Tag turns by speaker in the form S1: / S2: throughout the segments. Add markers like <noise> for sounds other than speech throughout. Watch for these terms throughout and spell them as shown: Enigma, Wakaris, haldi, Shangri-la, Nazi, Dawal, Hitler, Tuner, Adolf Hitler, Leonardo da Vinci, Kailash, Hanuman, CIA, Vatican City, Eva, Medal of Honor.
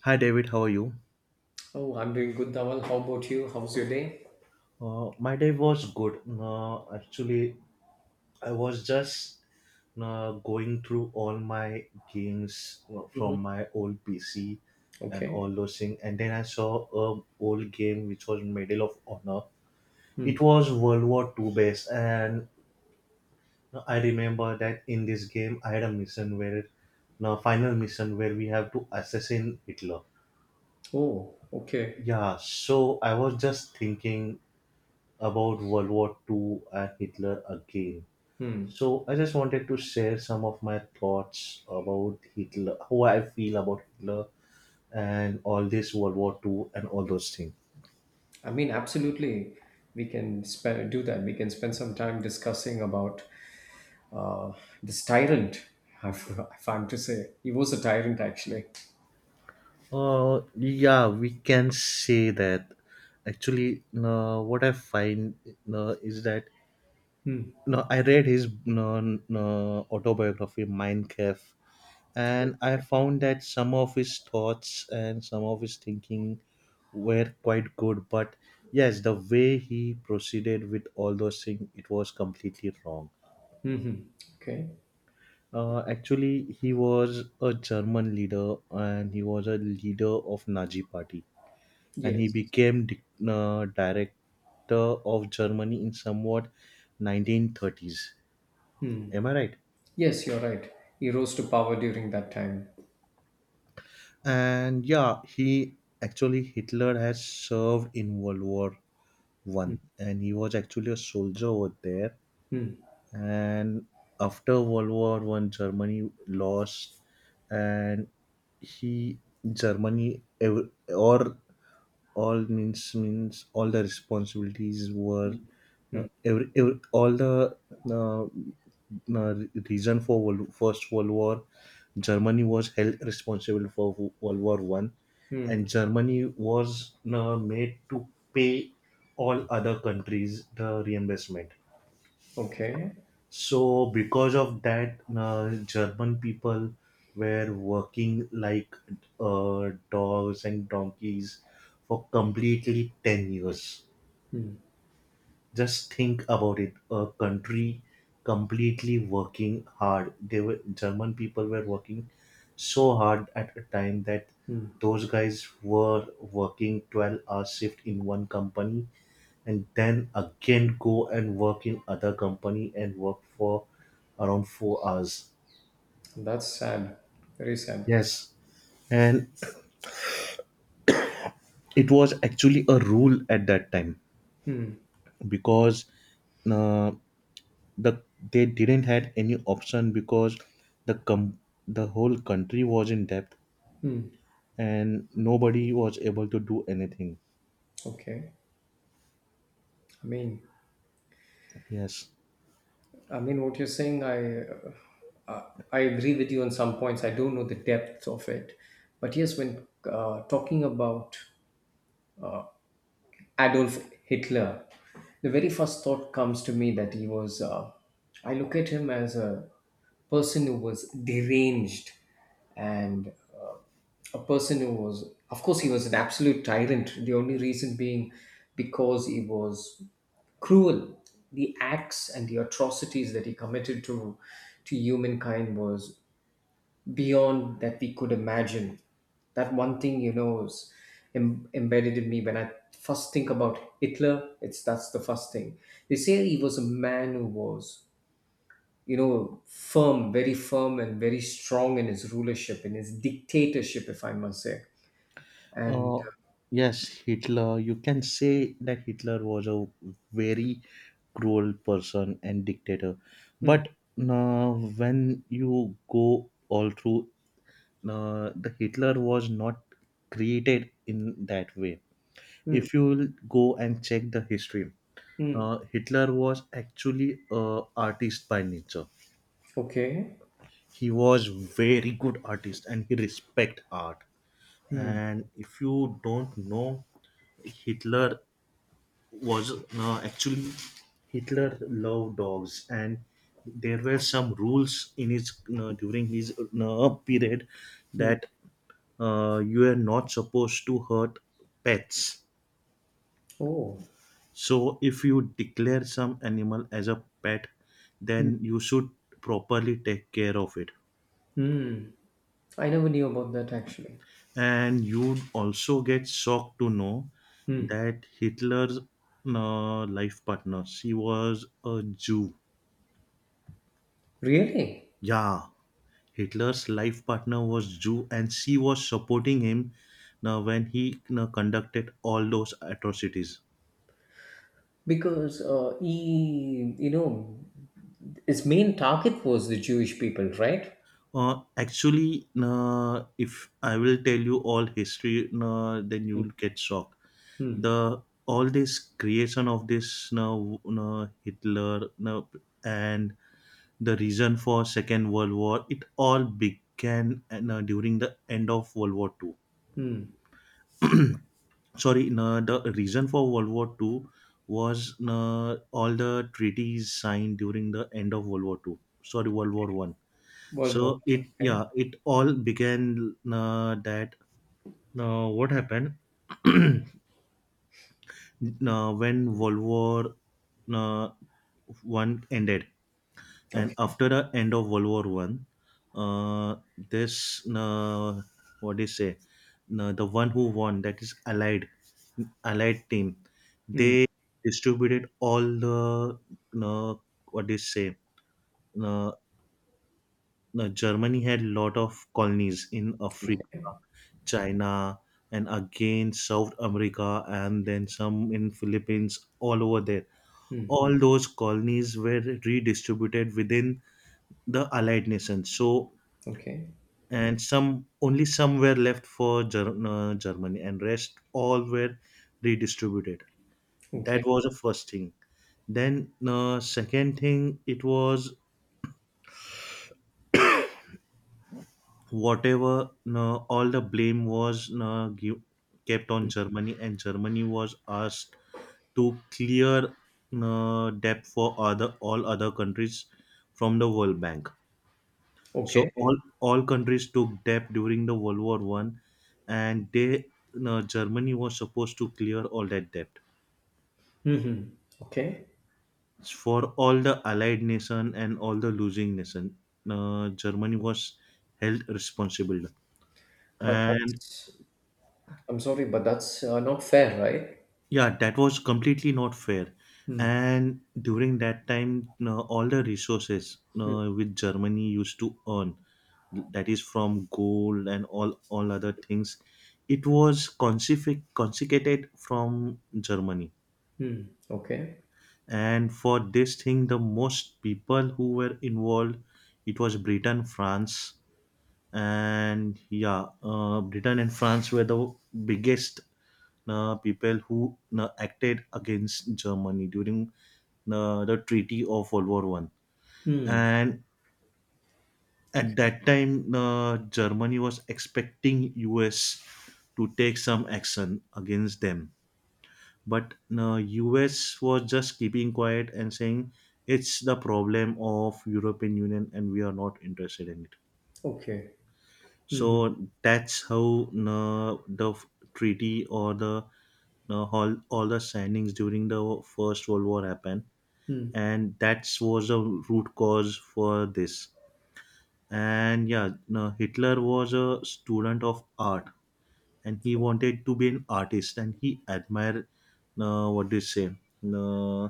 S1: Hi David, how are you?
S2: Oh, I'm doing good, Dawal. How about you? How's your day?
S1: My day was good. Actually, I was just going through all my games
S2: Mhm.
S1: from my old PC and all
S2: Okay.
S1: those things, and then I saw a old game which was Medal of Honor.
S2: Hmm.
S1: It was World War Two based, and I remember that in this game I had a mission where, no final mission where we have to assassinate Hitler.
S2: Oh, okay.
S1: Yeah, so I was just thinking about World War Two and Hitler again.
S2: Hmm.
S1: So I just wanted to share some of my thoughts about Hitler, how I feel about Hitler and all this World War Two and all those things.
S2: I mean, absolutely. We can spend do that. We can spend some time discussing about uh, this tyrant. <laughs> I if I'm to say, he was a tyrant actually.
S1: Yeah, we can say that. Actually, no, what I find no, is that
S2: Hmm.
S1: No, I read his no, no, autobiography, Minecraft, and I found that some of his thoughts and some of his thinking were quite good. But yes, the way he proceeded with all those things, it was completely wrong.
S2: Hmm. Okay.
S1: Actually, he was a German leader and he was a leader of Nazi party. And he
S2: Yes.
S1: became director of Germany in somewhat 1930s.
S2: Hmm.
S1: Am I right?
S2: Yes, you're right. He rose to power during that time.
S1: And yeah, he actually, Hitler has served in world war
S2: Hmm.
S1: one and he was actually a soldier over there.
S2: Hmm.
S1: And after world war one Germany lost. And he germany ev- or all means all the responsibilities were uh,
S2: Hmm.
S1: every, every all the uh, uh, reason for first world war, Germany was held responsible for world war one.
S2: Hmm.
S1: And Germany was made to pay all other countries the reimbursement.
S2: Okay.
S1: So, because of that, German people were working like dogs and donkeys for completely 10 years.
S2: Hmm.
S1: Just think about it, a country completely working hard. They were, German people were working so hard at a time that
S2: Hmm.
S1: those guys were working 12-hour shift in one company and then again go and work in other company and work for around 4 hours.
S2: That's sad. Very sad.
S1: Yes. And it was actually a rule at that time
S2: Hmm.
S1: because uh, the they didn't had any option because the com- the whole country was in debt
S2: Hmm.
S1: and nobody was able to do anything.
S2: Okay. I mean,
S1: yes
S2: I mean what you're saying. I I agree with you on some points. I don't know the depth of it, but yes, when talking about Adolf Hitler, the very first thought comes to me that he was. I look at him as a person who was deranged and a person who was, of course, he was an absolute tyrant. The only reason being because he was cruel. The acts and the atrocities that he committed to humankind was beyond that we could imagine. That one thing, is embedded in me when I first think about Hitler. It's that's the first thing. They say he was a man who was, firm, very firm, and very strong in his rulership, in his dictatorship, if I must say and
S1: uh yes Hitler, you can say that Hitler was a very cruel person and dictator,
S2: Mm,
S1: but uh, when you go all through the Hitler was not created in that way.
S2: mm,
S1: If you go and check the history,
S2: mm.
S1: Hitler was actually a artist by nature.
S2: Okay.
S1: He was very good artist and he respect art.
S2: Mm,
S1: And if you don't know, Hitler was actually, Hitler loved dogs, and there were some rules in his during his period
S2: mm.
S1: that you are not supposed to hurt pets.
S2: Oh,
S1: So if you declare some animal as a pet,
S2: mm,
S1: then you should properly take care of it.
S2: mm. I never knew about that actually.
S1: And you also get shocked to know
S2: Mm.
S1: that Hitler's life partner, she was a Jew.
S2: Really?
S1: Yeah, Hitler's life partner was Jew, and she was supporting him when he conducted all those atrocities.
S2: Because his main target was the Jewish people, right?
S1: Actually, if I will tell you all history, then you will get shocked.
S2: Mm,
S1: The all this creation of this Hitler and the reason for Second World War, it all began during the end of World War Two.
S2: mm.
S1: Sorry, no. the reason for World War Two was no. all the treaties signed during the end of World War Two. Sorry, World War One.
S2: World War
S1: So it,
S2: One, Okay.
S1: yeah, it all began that what happened <clears throat> when world war uh, one ended. And
S2: Okay.
S1: after the end of world war one, uh, this, what do you say, the one who won, that is allied, allied team,
S2: Mm,
S1: they distributed all the uh, what do you say, uh, Germany had lot of colonies in Africa,
S2: okay.
S1: China, and again South America, and then some in Philippines, all over there.
S2: Mm,
S1: All those colonies were redistributed within the Allied nations. So
S2: okay.
S1: and some, only some were left for Germany, and rest all were redistributed.
S2: Okay.
S1: That was the first thing. Then second thing, it was whatever all the blame was kept on Germany, and Germany was asked to clear debt for other all other countries from the World Bank. So
S2: Okay.
S1: all countries took debt during the World War One, and they, Germany was supposed to clear all that debt
S2: Mm-hmm. Okay.
S1: for all the Allied nation and all the losing nation. Germany was held responsible,
S2: But
S1: and
S2: that's, I'm sorry, but that's not fair, right?
S1: Yeah, that was completely not fair.
S2: Hmm.
S1: And during that time, no, all the resources
S2: Hmm.
S1: no, which Germany used to earn, that is from gold and all other things, it was confiscated from Germany.
S2: Mm. Okay.
S1: And for this thing, the most people who were involved, it was Britain, France, and yeah, Britain and France were the biggest people who acted against Germany during the treaty of world war one.
S2: Hmm.
S1: And
S2: Okay.
S1: at that time, Germany was expecting US to take some action against them, but US was just keeping quiet and saying it's the problem of European Union and we are not interested in it.
S2: Okay. Mhm.
S1: So that's how treaty or the all the signings during the First World War happened,
S2: Mm.
S1: and that was the root cause for this. And yeah, Hitler was a student of art, and he wanted to be an artist, and he admired what do you say? Uh,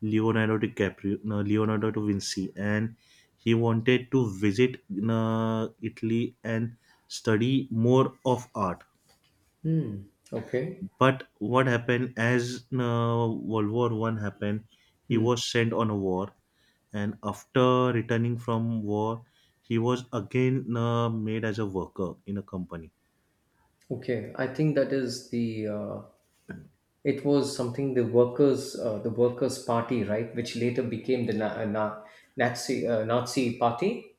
S1: Leonardo DiCaprio, no, Leonardo da Vinci, and he wanted to visit Italy and study more of art.
S2: Mm. Okay.
S1: But what happened, as World War One happened, he was sent on a war, and after returning from war, he was again made as a worker in a company.
S2: Okay. I think that is the. It was something the workers' party, right, which later became the Nazi party.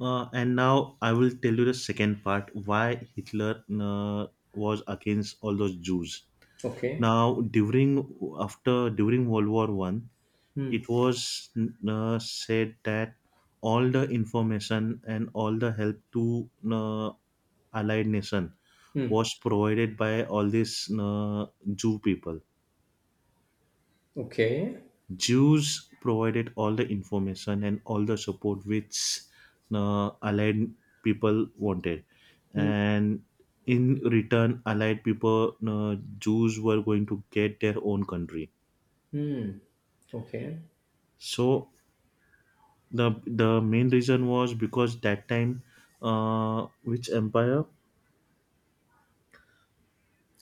S1: And now I will tell you the second part why Hitler was against all those Jews.
S2: Okay.
S1: Now, during World War One,
S2: Mm.
S1: it was said that all the information and all the help to allied nation
S2: Mm.
S1: was provided by all these Jew people.
S2: Okay.
S1: Jews provided all the information and all the support which allied people wanted,
S2: Mm.
S1: and in return, allied people, Jews were going to get their own country.
S2: Mm. Okay.
S1: So the main reason was, because that time which empire,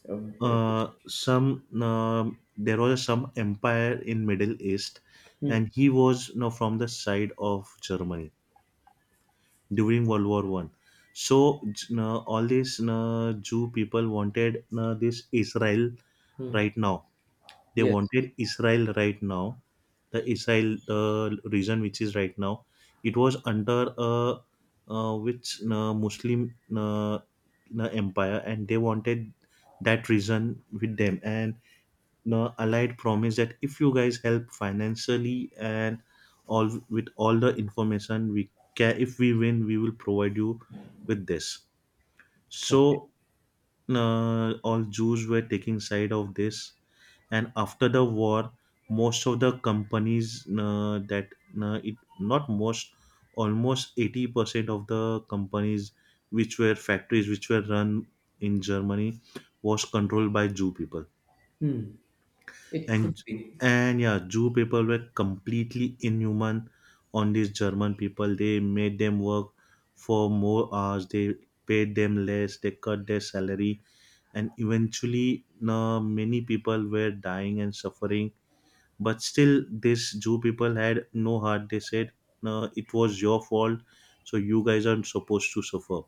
S2: Um, uh, which-
S1: some there was some empire in Middle East,
S2: mm.
S1: and he was, you know, from the side of Germany during world war one. So you know, all these, you know, Jew people wanted, you know, this Israel
S2: Mm.
S1: right now. They
S2: Yes.
S1: wanted Israel right now. The Israel, the region which is right now, it was under a which Muslim empire, and they wanted that region with them. And Allied promised that if you guys help financially and all with all the information we can, if we win, we will provide you with this.
S2: Okay.
S1: So all Jews were taking side of this, and after the war, most of the companies that it not most, almost 80% of the companies, which were factories which were run in Germany, was controlled by Jew people.
S2: Mm. It could
S1: And
S2: be.
S1: yeah, Jew people were completely inhuman on these German people. They made them work for more hours, they paid them less, they cut their salary, and eventually many people were dying and suffering, but still, this Jew people had no heart. They said, no, it was your fault, so you guys aren't supposed to suffer.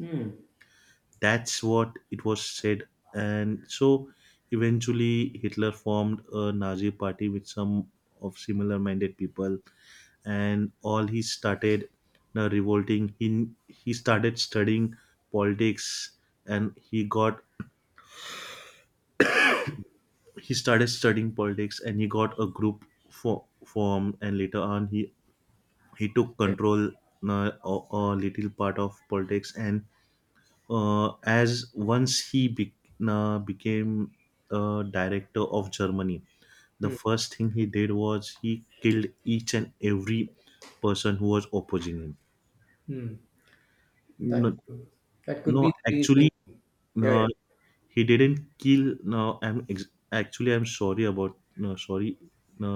S2: Mm.
S1: That's what it was said. And so eventually, Hitler formed a Nazi party with some of similar minded people, and all he started now revolting. He started studying politics, and he started studying politics and he got a group formed, and later on he took
S2: Okay.
S1: control uh, o- a little part of politics, and as once he became director of Germany, the
S2: Mm.
S1: first thing he did was he killed each and every person who was opposing him.
S2: Mm. That
S1: No,
S2: could, that could
S1: no
S2: be the reason.
S1: actually
S2: Yeah. Yeah.
S1: uh, he didn't kill no I'm ex- actually I'm sorry about no sorry no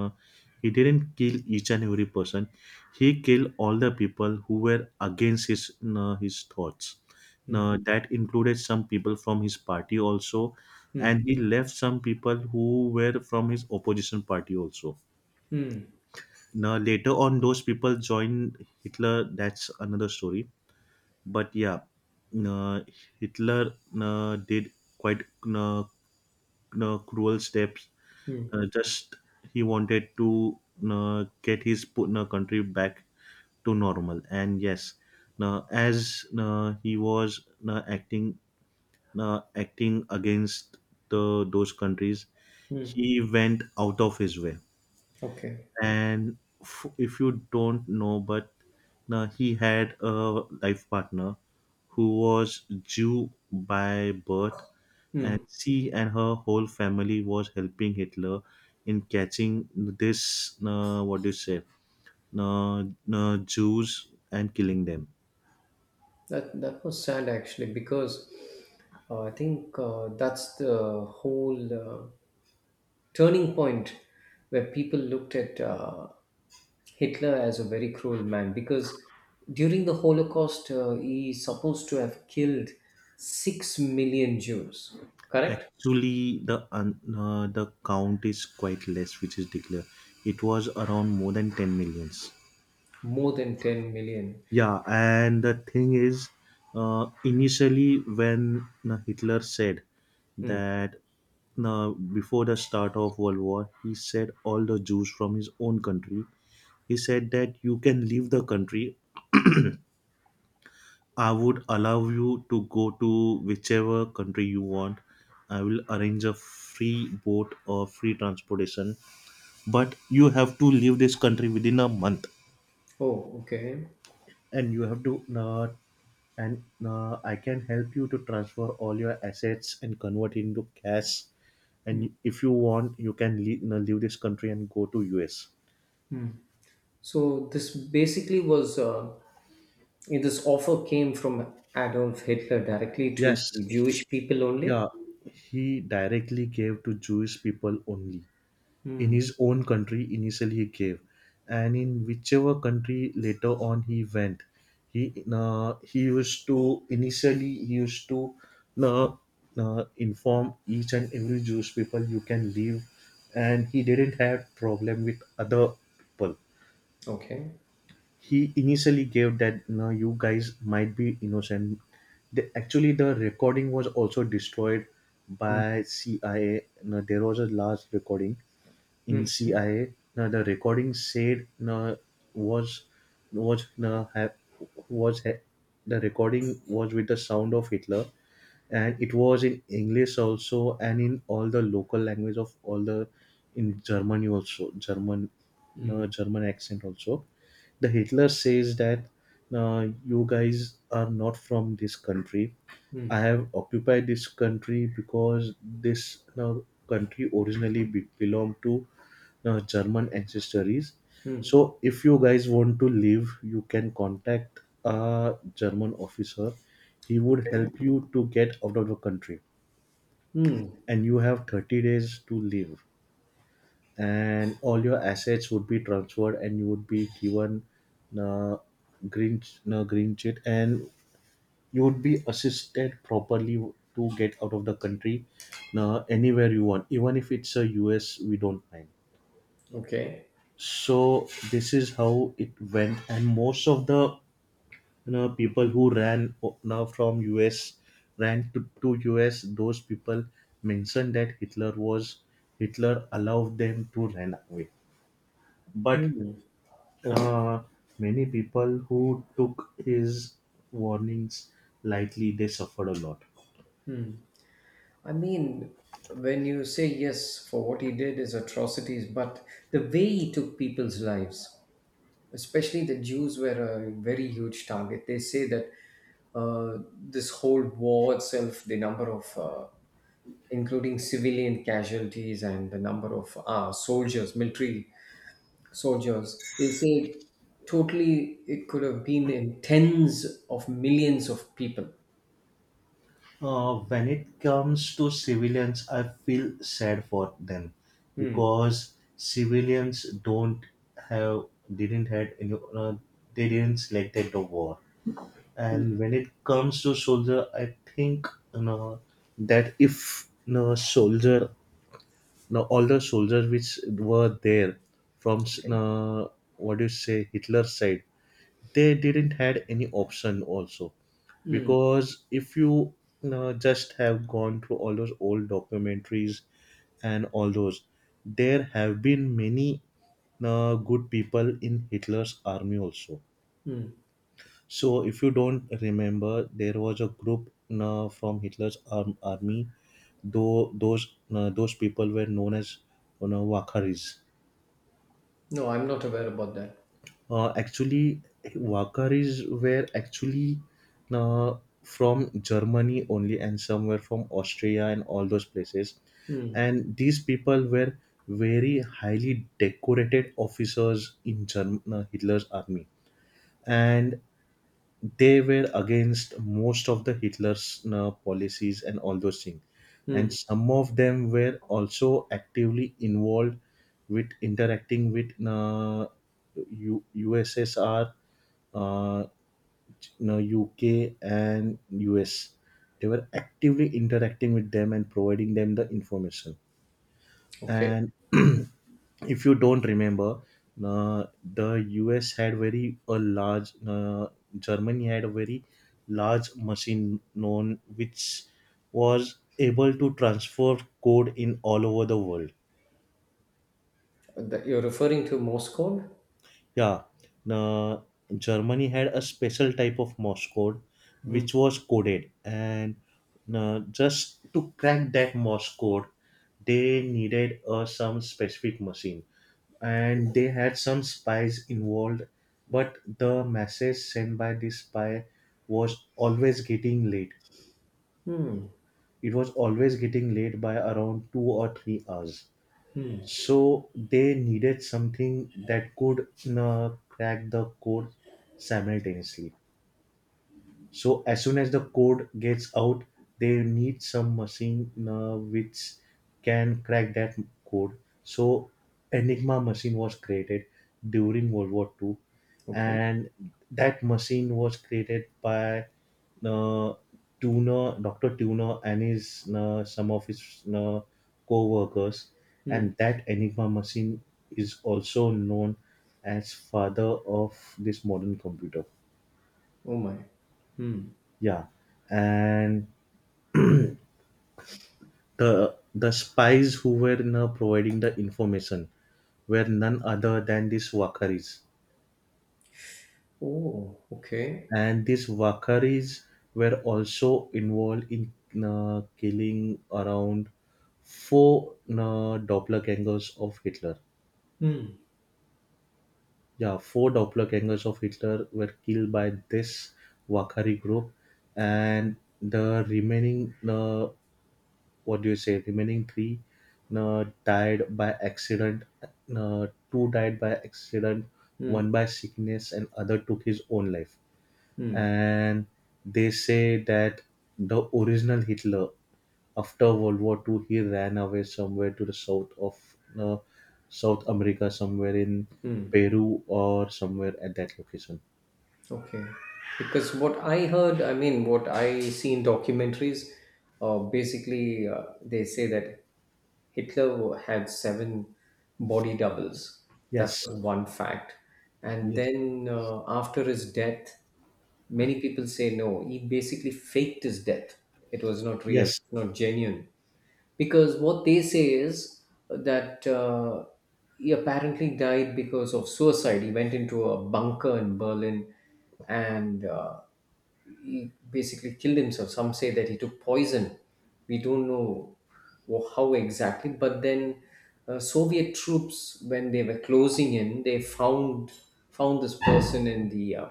S1: he didn't kill each and every person. He killed all the people who were against his thoughts.
S2: Mm.
S1: No, That included some people from his party also,
S2: Mm.
S1: and he left some people who were from his opposition party also.
S2: Mm.
S1: Now later on those people joined Hitler, that's another story. But yeah, uh, Hitler did quite uh, cruel steps.
S2: Hmm.
S1: Just he wanted to get his country back to normal. And yes, as he was acting against those countries.
S2: Hmm.
S1: He went out of his way,
S2: Okay.
S1: and if you don't know, but he had a life partner who was Jew by birth,
S2: Hmm.
S1: and she and her whole family was helping Hitler in catching this, what do you say, uh, Jews, and killing them.
S2: That was sad actually because I think that's the whole turning point where people looked at Hitler as a very cruel man because during the Holocaust he's supposed to have killed 6 million Jews. Correct?
S1: Actually, the count is quite less, which is declared. It was around more than 10 millions.
S2: More than 10 million.
S1: Yeah, and the thing is, initially, when Hitler said
S2: Hmm.
S1: that, before the start of World War, he said all the Jews from his own country. He said that you can leave the country. I would allow you to go to whichever country you want. I will arrange a free boat or free transportation, but you have to leave this country within a month.
S2: Oh, okay.
S1: and you have to uh, and I can help you to transfer all your assets and convert it into cash. And if you want, you can leave this country and go to US.
S2: Hmm. So this basically was. This offer came from Adolf Hitler directly to
S1: Yes,
S2: the Jewish people only?
S1: yeah, he directly gave to Jewish people only. In
S2: Hmm.
S1: his own country, initially he gave, and in whichever country later on he went, he used to, initially, he used to uh, inform each and every Jewish people you can leave. And he didn't have problem with other people.
S2: Okay.
S1: He initially gave that, no, you guys might be innocent. Actually, the recording was also destroyed
S2: Hmm.
S1: by CIA. No, there was a last recording in
S2: Hmm.
S1: CIA. Now the recording said, now, was was now ha- was ha- the recording was with the sound of Hitler, and it was in English also, and in all the local language of all the, in Germany also German,
S2: Hmm.
S1: no, German accent also. The Hitler says that, you guys are not from this country.
S2: Hmm.
S1: I have occupied this country because this now country originally belonged to German ancestries.
S2: Hmm.
S1: So if you guys want to leave, you can contact a German officer. He would
S2: Okay.
S1: help you to get out of the country,
S2: Hmm.
S1: and you have 30 days to leave. And all your assets would be transferred, and you would be given uh, green green sheet, and you would be assisted properly to get out of the country, anywhere you want, even if it's a US, we don't mind.
S2: Okay.
S1: So this is how it went, and most of the, people who ran o- now from us, ran to us, those people mentioned that Hitler allowed them to run away. But
S2: Hmm.
S1: uh, many people who took his warnings lightly, they suffered a lot.
S2: Hmm. I mean, when you say yes for what he did is atrocities, but the way he took people's lives, especially the Jews, were a very huge target. They say that this whole war itself, the number of including civilian casualties and the number of soldiers, military soldiers. They say totally it could have been in tens of millions of people.
S1: When it comes to civilians, I feel sad for them
S2: Hmm.
S1: because civilians don't have didn't had any, they didn't selected the war.
S2: Hmm.
S1: And when it comes to soldier, I think, you know that if, soldier, all the soldiers which were there from,
S2: Okay.
S1: what do you say, Hitler's side, they didn't had any option also.
S2: Hmm.
S1: Because if you, just have gone through all those old documentaries and all those, there have been many good people in Hitler's army also.
S2: Hmm.
S1: So if you don't remember, there was a group, from Hitler's army, though those people were known as, Wakaris.
S2: No, I'm not aware about that.
S1: Actually, Wacker is were actually, uh, from Germany only, and somewhere from Austria and all those places.
S2: Hmm.
S1: And these people were very highly decorated officers in Hitler's army. And they were against most of the Hitler's policies and all those things. And
S2: Hmm.
S1: some of them were also actively involved with interacting with, USSR, uh, UK, and US. They were actively interacting with them and providing them the information.
S2: Okay.
S1: And <clears throat> if you don't remember, uh, the us had very a large Germany had a very large machine known, which was able to transfer code in all over the world.
S2: That you're referring to Morse code?
S1: Yeah, uh, Germany had a special type of Morse code,
S2: Hmm.
S1: which was coded. And just to crack that Morse code, they needed some specific machine, and they had some spies involved. But the message sent by the spy was always getting late.
S2: Hmm.
S1: It was always getting late by around 2 or 3 hours, so they needed something that could, crack the code simultaneously. So as soon as the code gets out, they need some machine which can crack that code. So Enigma machine was created during World War II,
S2: Okay.
S1: and that machine was created by, uh, Doctor Tuner, and his, some of his co-workers,
S2: Hmm.
S1: and that Enigma machine is also known as father of this modern computer.
S2: Oh my. Hmm.
S1: Yeah. And the spies who were, providing the information were none other than these Wakaris,
S2: Oh, okay.
S1: and these Wakaris were also involved in, killing around four doppelgangers of Hitler.
S2: Hmm.
S1: Yeah, four doppelgangers of Hitler were killed by this Wakari group, and the remaining, what do you say, remaining three, died by accident. Two died by accident,
S2: Hmm.
S1: one by sickness, and other took his own life.
S2: Hmm.
S1: And they say that the original Hitler, after World War II, he ran away somewhere to the south of, uh, South America, somewhere in
S2: Hmm.
S1: Peru or somewhere at that location.
S2: Okay. Because what I heard, I mean, what I see in documentaries, basically they say that Hitler had seven body doubles. That
S1: Yes.
S2: was one fact. And
S1: Yes.
S2: then after his death, many people say no, he basically faked his death. It was not real,
S1: Yes.
S2: not genuine because what they say is that he apparently died because of suicide. He went into a bunker in Berlin and he basically killed himself. Some say that he took poison. We don't know how exactly, but then Soviet troops, when they were closing in, they found this person in the uh,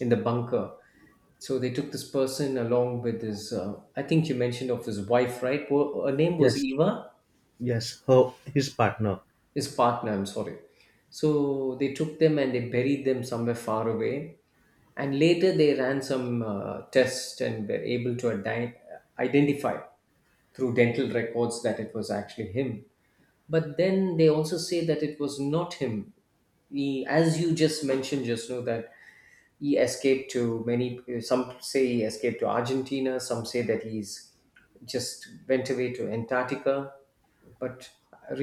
S2: in the bunker, so they took this person along with I think you mentioned of his wife, right? Her name was
S1: Yes.
S2: Eva,
S1: Yes, her his partner.
S2: his partner, I'm sorry. So they took them and they buried them somewhere far away. And later they ran some tests and were able to identify through dental records that it was actually him, but then they also say that it was not him. He, as you just mentioned just now, that he escaped to many, some say he escaped to Argentina, some say that he's just went away to Antarctica, but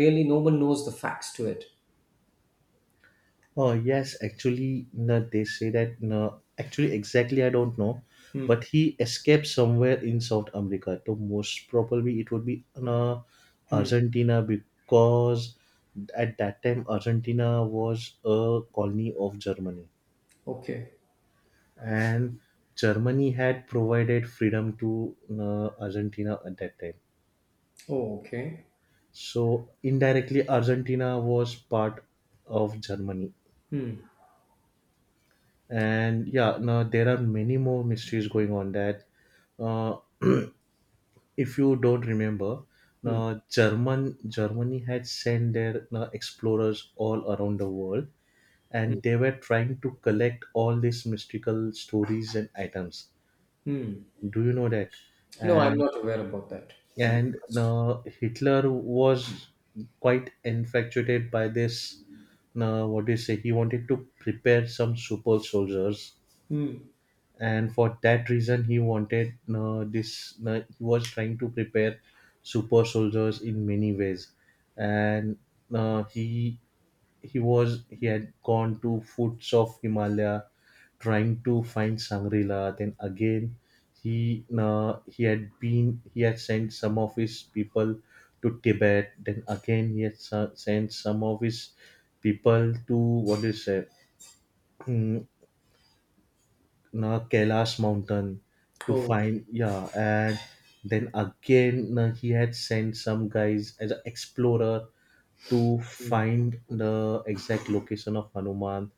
S2: really no one knows the facts to it.
S1: Oh yes, actually, no, they say that, no, actually, exactly I don't know,
S2: Hmm.
S1: but he escaped somewhere in South America. So most probably it would be, no,
S2: Hmm.
S1: Argentina, because at that time Argentina was a colony of Germany,
S2: Okay.
S1: and Germany had provided freedom to, no, Argentina at that time.
S2: Oh, okay.
S1: So indirectly, Argentina was part of Germany.
S2: Hmm.
S1: And yeah, now there are many more mysteries going on, that uh, if you don't remember,
S2: Hmm.
S1: Germany had sent their explorers all around the world,
S2: Hmm.
S1: and they were trying to collect all these mystical stories and items.
S2: Hmm.
S1: Do you know that?
S2: No, I'm
S1: and
S2: not aware about that, to be
S1: and
S2: honest.
S1: Hitler was quite infatuated by this, what do you say, he wanted to prepare some super soldiers.
S2: Hmm.
S1: And for that reason, he wanted, this, he was trying to prepare super soldiers in many ways. And uh, he he had gone to foots of Himalaya, trying to find Shangri-La. Then again, he had sent some of his people to Tibet. Then again, he had sent some of his people to, what do you say, <clears throat> na Kailash mountain to
S2: Oh.
S1: find, yeah, and then again, he had sent some guys as an explorer to
S2: Hmm.
S1: find the exact location of Hanuman.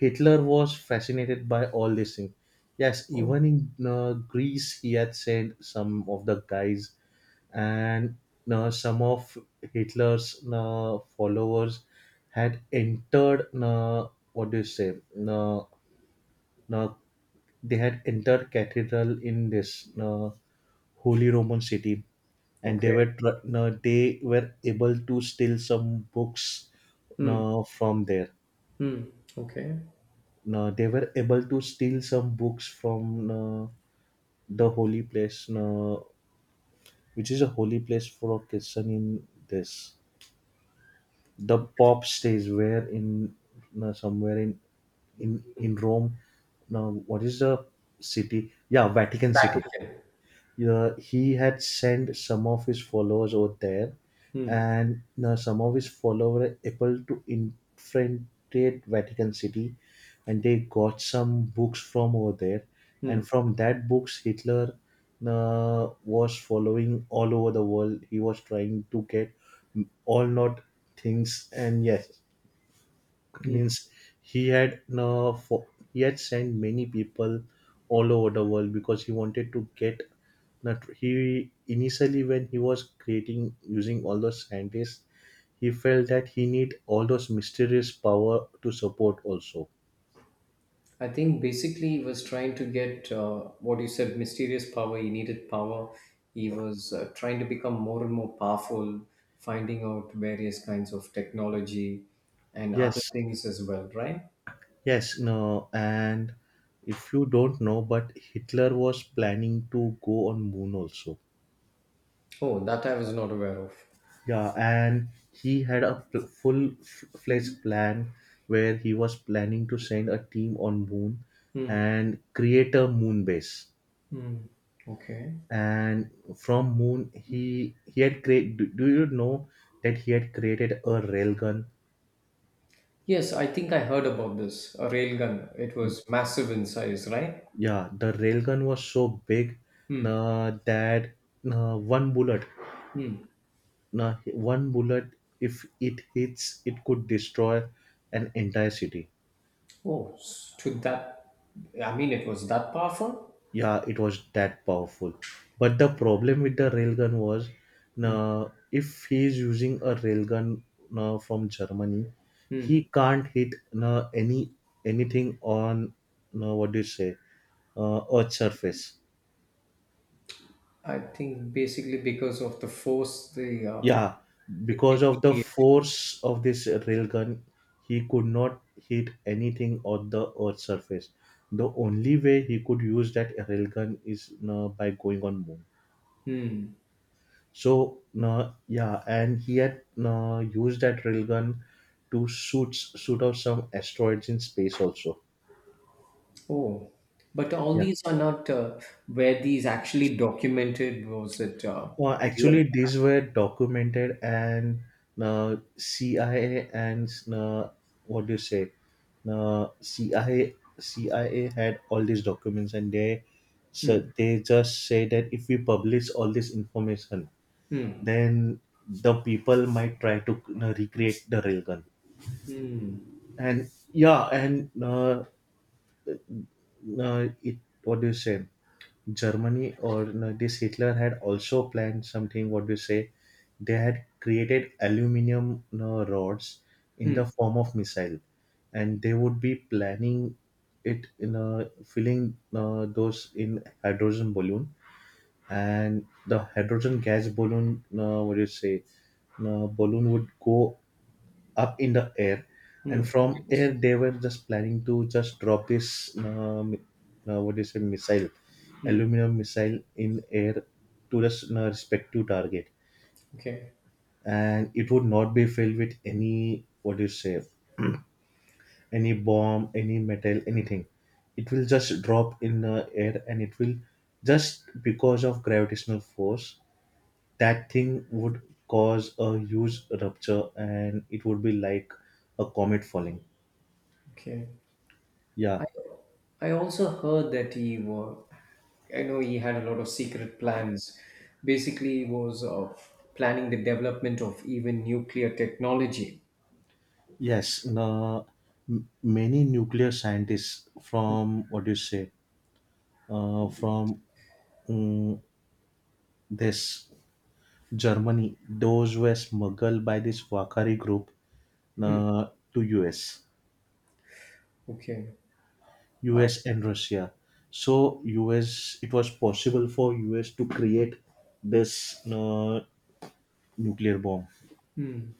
S1: Hitler was fascinated by all these things. Yes,
S2: Oh,
S1: even in, Greece, he had sent some of the guys, and some of Hitler's followers had entered, what do you say, uh, uh, they had entered cathedral in this, Holy Roman city, and they
S2: okay.
S1: were they were able to steal some books
S2: Hmm.
S1: from there.
S2: Hmm. Okay.
S1: They were able to steal some books from, the holy place, which is a holy place for a Christian in this. The Pope stays where, in, somewhere in Rome. Now, what is the city? Yeah, Vatican
S2: Back
S1: City.
S2: again.
S1: Yeah, he had sent some of his followers over there,
S2: Hmm.
S1: and some of his followers were able to infiltrate Vatican City, and they got some books from over there,
S2: Hmm.
S1: and from that books, Hitler was following all over the world. He was trying to get all not things, and yes,
S2: Hmm.
S1: means he had, he had sent many people all over the world because he wanted to get that. He initially, when he was creating using all those scientists, he felt that he need all those mysterious power to support also.
S2: I think basically he was trying to get what you said, mysterious power. He needed power. He was trying to become more and more powerful, finding out various kinds of technology and other
S1: Yes.
S2: things as well, right?
S1: Yes. No, and if you don't know, but Hitler was planning to go on moon also.
S2: Oh, that I was not aware of.
S1: Yeah, and he had a full-fledged plan where he was planning to send a team on moon
S2: Hmm.
S1: and create a moon base.
S2: Hmm. Okay.
S1: And from moon, he had create. Do you know that he had created a railgun?
S2: Yes, I think I heard about this. A railgun. It was massive in size, right?
S1: Yeah, the railgun was so big,
S2: Hmm.
S1: that, uh, one bullet,
S2: Hmm.
S1: one bullet, if it hits, it could destroy an entire city.
S2: Oh, to that. I mean, it was that powerful.
S1: Yeah, it was that powerful. But the problem with the railgun was, if he is using a railgun from Germany,
S2: Hmm.
S1: he can't hit, uh, any anything on, what do you say, earth surface.
S2: I think basically because of the force they
S1: Yeah,
S2: it can
S1: because of the
S2: create.
S1: force of this railgun, he could not hit anything on the earth surface. The only way he could use that railgun is, by going on moon.
S2: Hmm.
S1: So, no, yeah, and he had, no, used that railgun to shoot out some asteroids in space also.
S2: Oh, but all
S1: Yeah.
S2: these are not where these actually documented. Was it real?
S1: Actually, these were documented, and, CIA, and what do you say? CIA had all these documents, and they, so
S2: Hmm.
S1: they just say that if we publish all this information,
S2: Hmm.
S1: then the people might try to recreate the railgun.
S2: Hmm.
S1: And yeah, and it, what do you say? Germany, or no, this Hitler had also planned something. What do you say? They had created aluminium, no, rods in
S2: Hmm.
S1: the form of missile, and they would be planning it in a filling, those in hydrogen balloon, and the hydrogen gas balloon. What do you say? Balloon would go up in the air, and
S2: Hmm.
S1: from air,
S2: Yes.
S1: they were just planning to just drop this, what is it, missile,
S2: Hmm.
S1: aluminum missile in air to the respective target,
S2: Okay.
S1: and it would not be filled with any, what do you say, any bomb, any metal, anything. It will just drop in the air, and it will just, because of gravitational force, that thing would cause a huge rupture, and it would be like a comet falling.
S2: Okay.
S1: Yeah.
S2: I I also heard that he was. I know he had a lot of secret plans. Basically, he was planning the development of even nuclear technology.
S1: Yes, many nuclear scientists from, what do you say, from, mm, this Germany, those were smuggled by this Wakari group,
S2: Hmm.
S1: to US,
S2: Okay. I,
S1: US and Russia. So US, it was possible for US to create this nuclear bomb.
S2: hmm.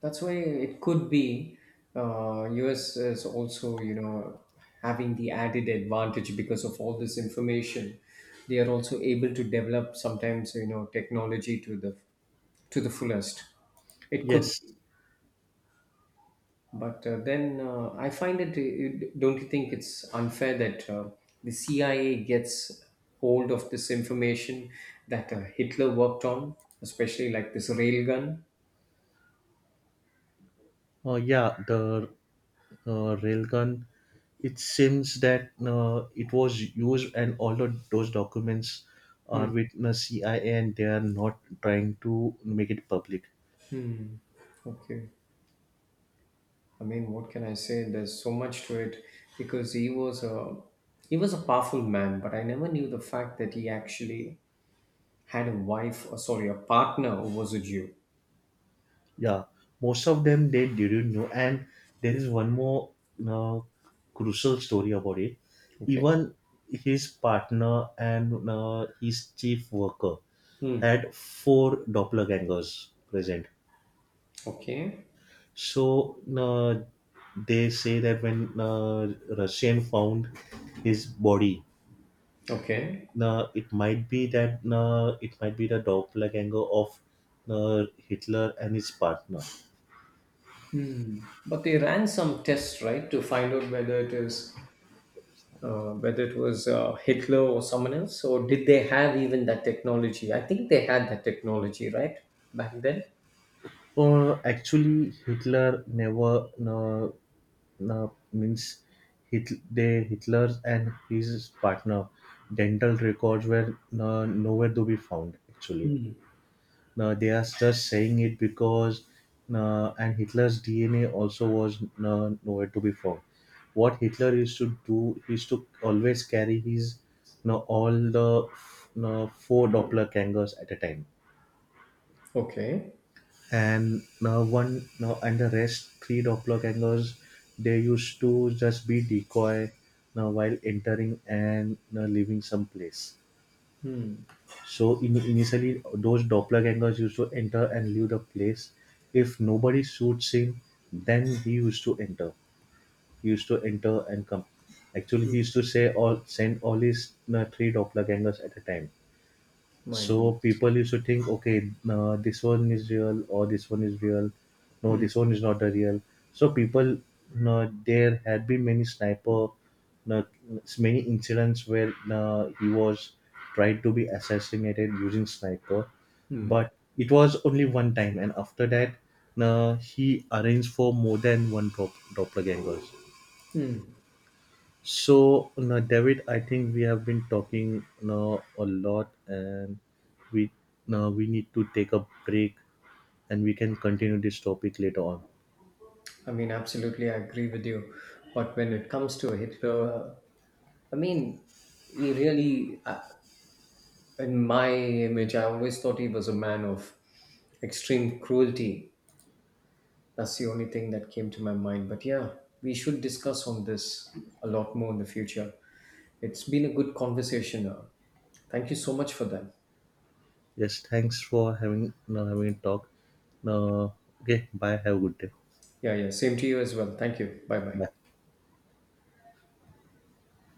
S2: That's why it could be US is also having the added advantage because of all this information. They are also able to develop sometimes technology to the fullest. It could
S1: Yes.
S2: be, but then I find it. Don't you think it's unfair that the CIA gets hold of this information that Hitler worked on, especially like this railgun?
S1: Oh yeah, the, railgun, it seems that, it was used, and all of those documents
S2: Hmm.
S1: are with the CIA, and they are not trying to make it public.
S2: Okay. I mean, what can I say? There's so much to it because he was a powerful man, but I never knew the fact that he actually had a wife, or sorry, a partner who was a Jew.
S1: Yeah, most of them they didn't know, and there is one more uh, crucial story about it.
S2: Okay.
S1: Even his partner and, his chief worker,
S2: Hmm.
S1: had four doppelgangers present.
S2: Okay.
S1: So they say that when Russian found his body,
S2: Okay.
S1: it might be the doppelganger of, Hitler and his partner.
S2: Hmm. But they ran some tests, right, to find out whether it was Hitler or someone else, or did they have even that technology? I think they had that technology, right, back then.
S1: Or actually, Hitler never, means Hitler, they Hitler and his partner dental records were, nowhere to be found actually.
S2: Hmm.
S1: No, they are just saying it because, and Hitler's DNA also was, nowhere to be found. What Hitler used to do, he used to always carry his, no, all the, no, four doppelgangers at a time,
S2: Okay.
S1: and now one, now, and the rest three doppelgangers, they used to just be decoy, now while entering and now leaving some place.
S2: Hmm.
S1: So in initially, those doppelgangers used to enter and leave the place. If nobody shoots him, then he used to enter. He used to enter and come. Actually,
S2: Hmm.
S1: he used to say all, send all his, three doppelgangers at a time,
S2: My
S1: so
S2: goodness.
S1: people used to think, okay, this one is real, or this one is real, no,
S2: Hmm.
S1: this one is not a real. So people, no, there had been many sniper, no, many incidents where he was tried to be assassinated using sniper,
S2: Hmm.
S1: but it was only one time, and after that, he arranged for more than one doppelgangers.
S2: Hmm.
S1: So, now, David, I think we have been talking now a lot, and we we need to take a break, and we can continue this topic later on.
S2: I mean, absolutely, I agree with you. But when it comes to Hitler, I mean, he really, in my image, I always thought he was a man of extreme cruelty. That's the only thing that came to my mind. But yeah, we should discuss on this a lot more in the future. It's been a good conversation. Thank you so much for that.
S1: Yes, thanks for having a talk. Now, okay, bye. Have a good day.
S2: Yeah, yeah, same to you as well. Thank you. Bye bye.
S1: Bye.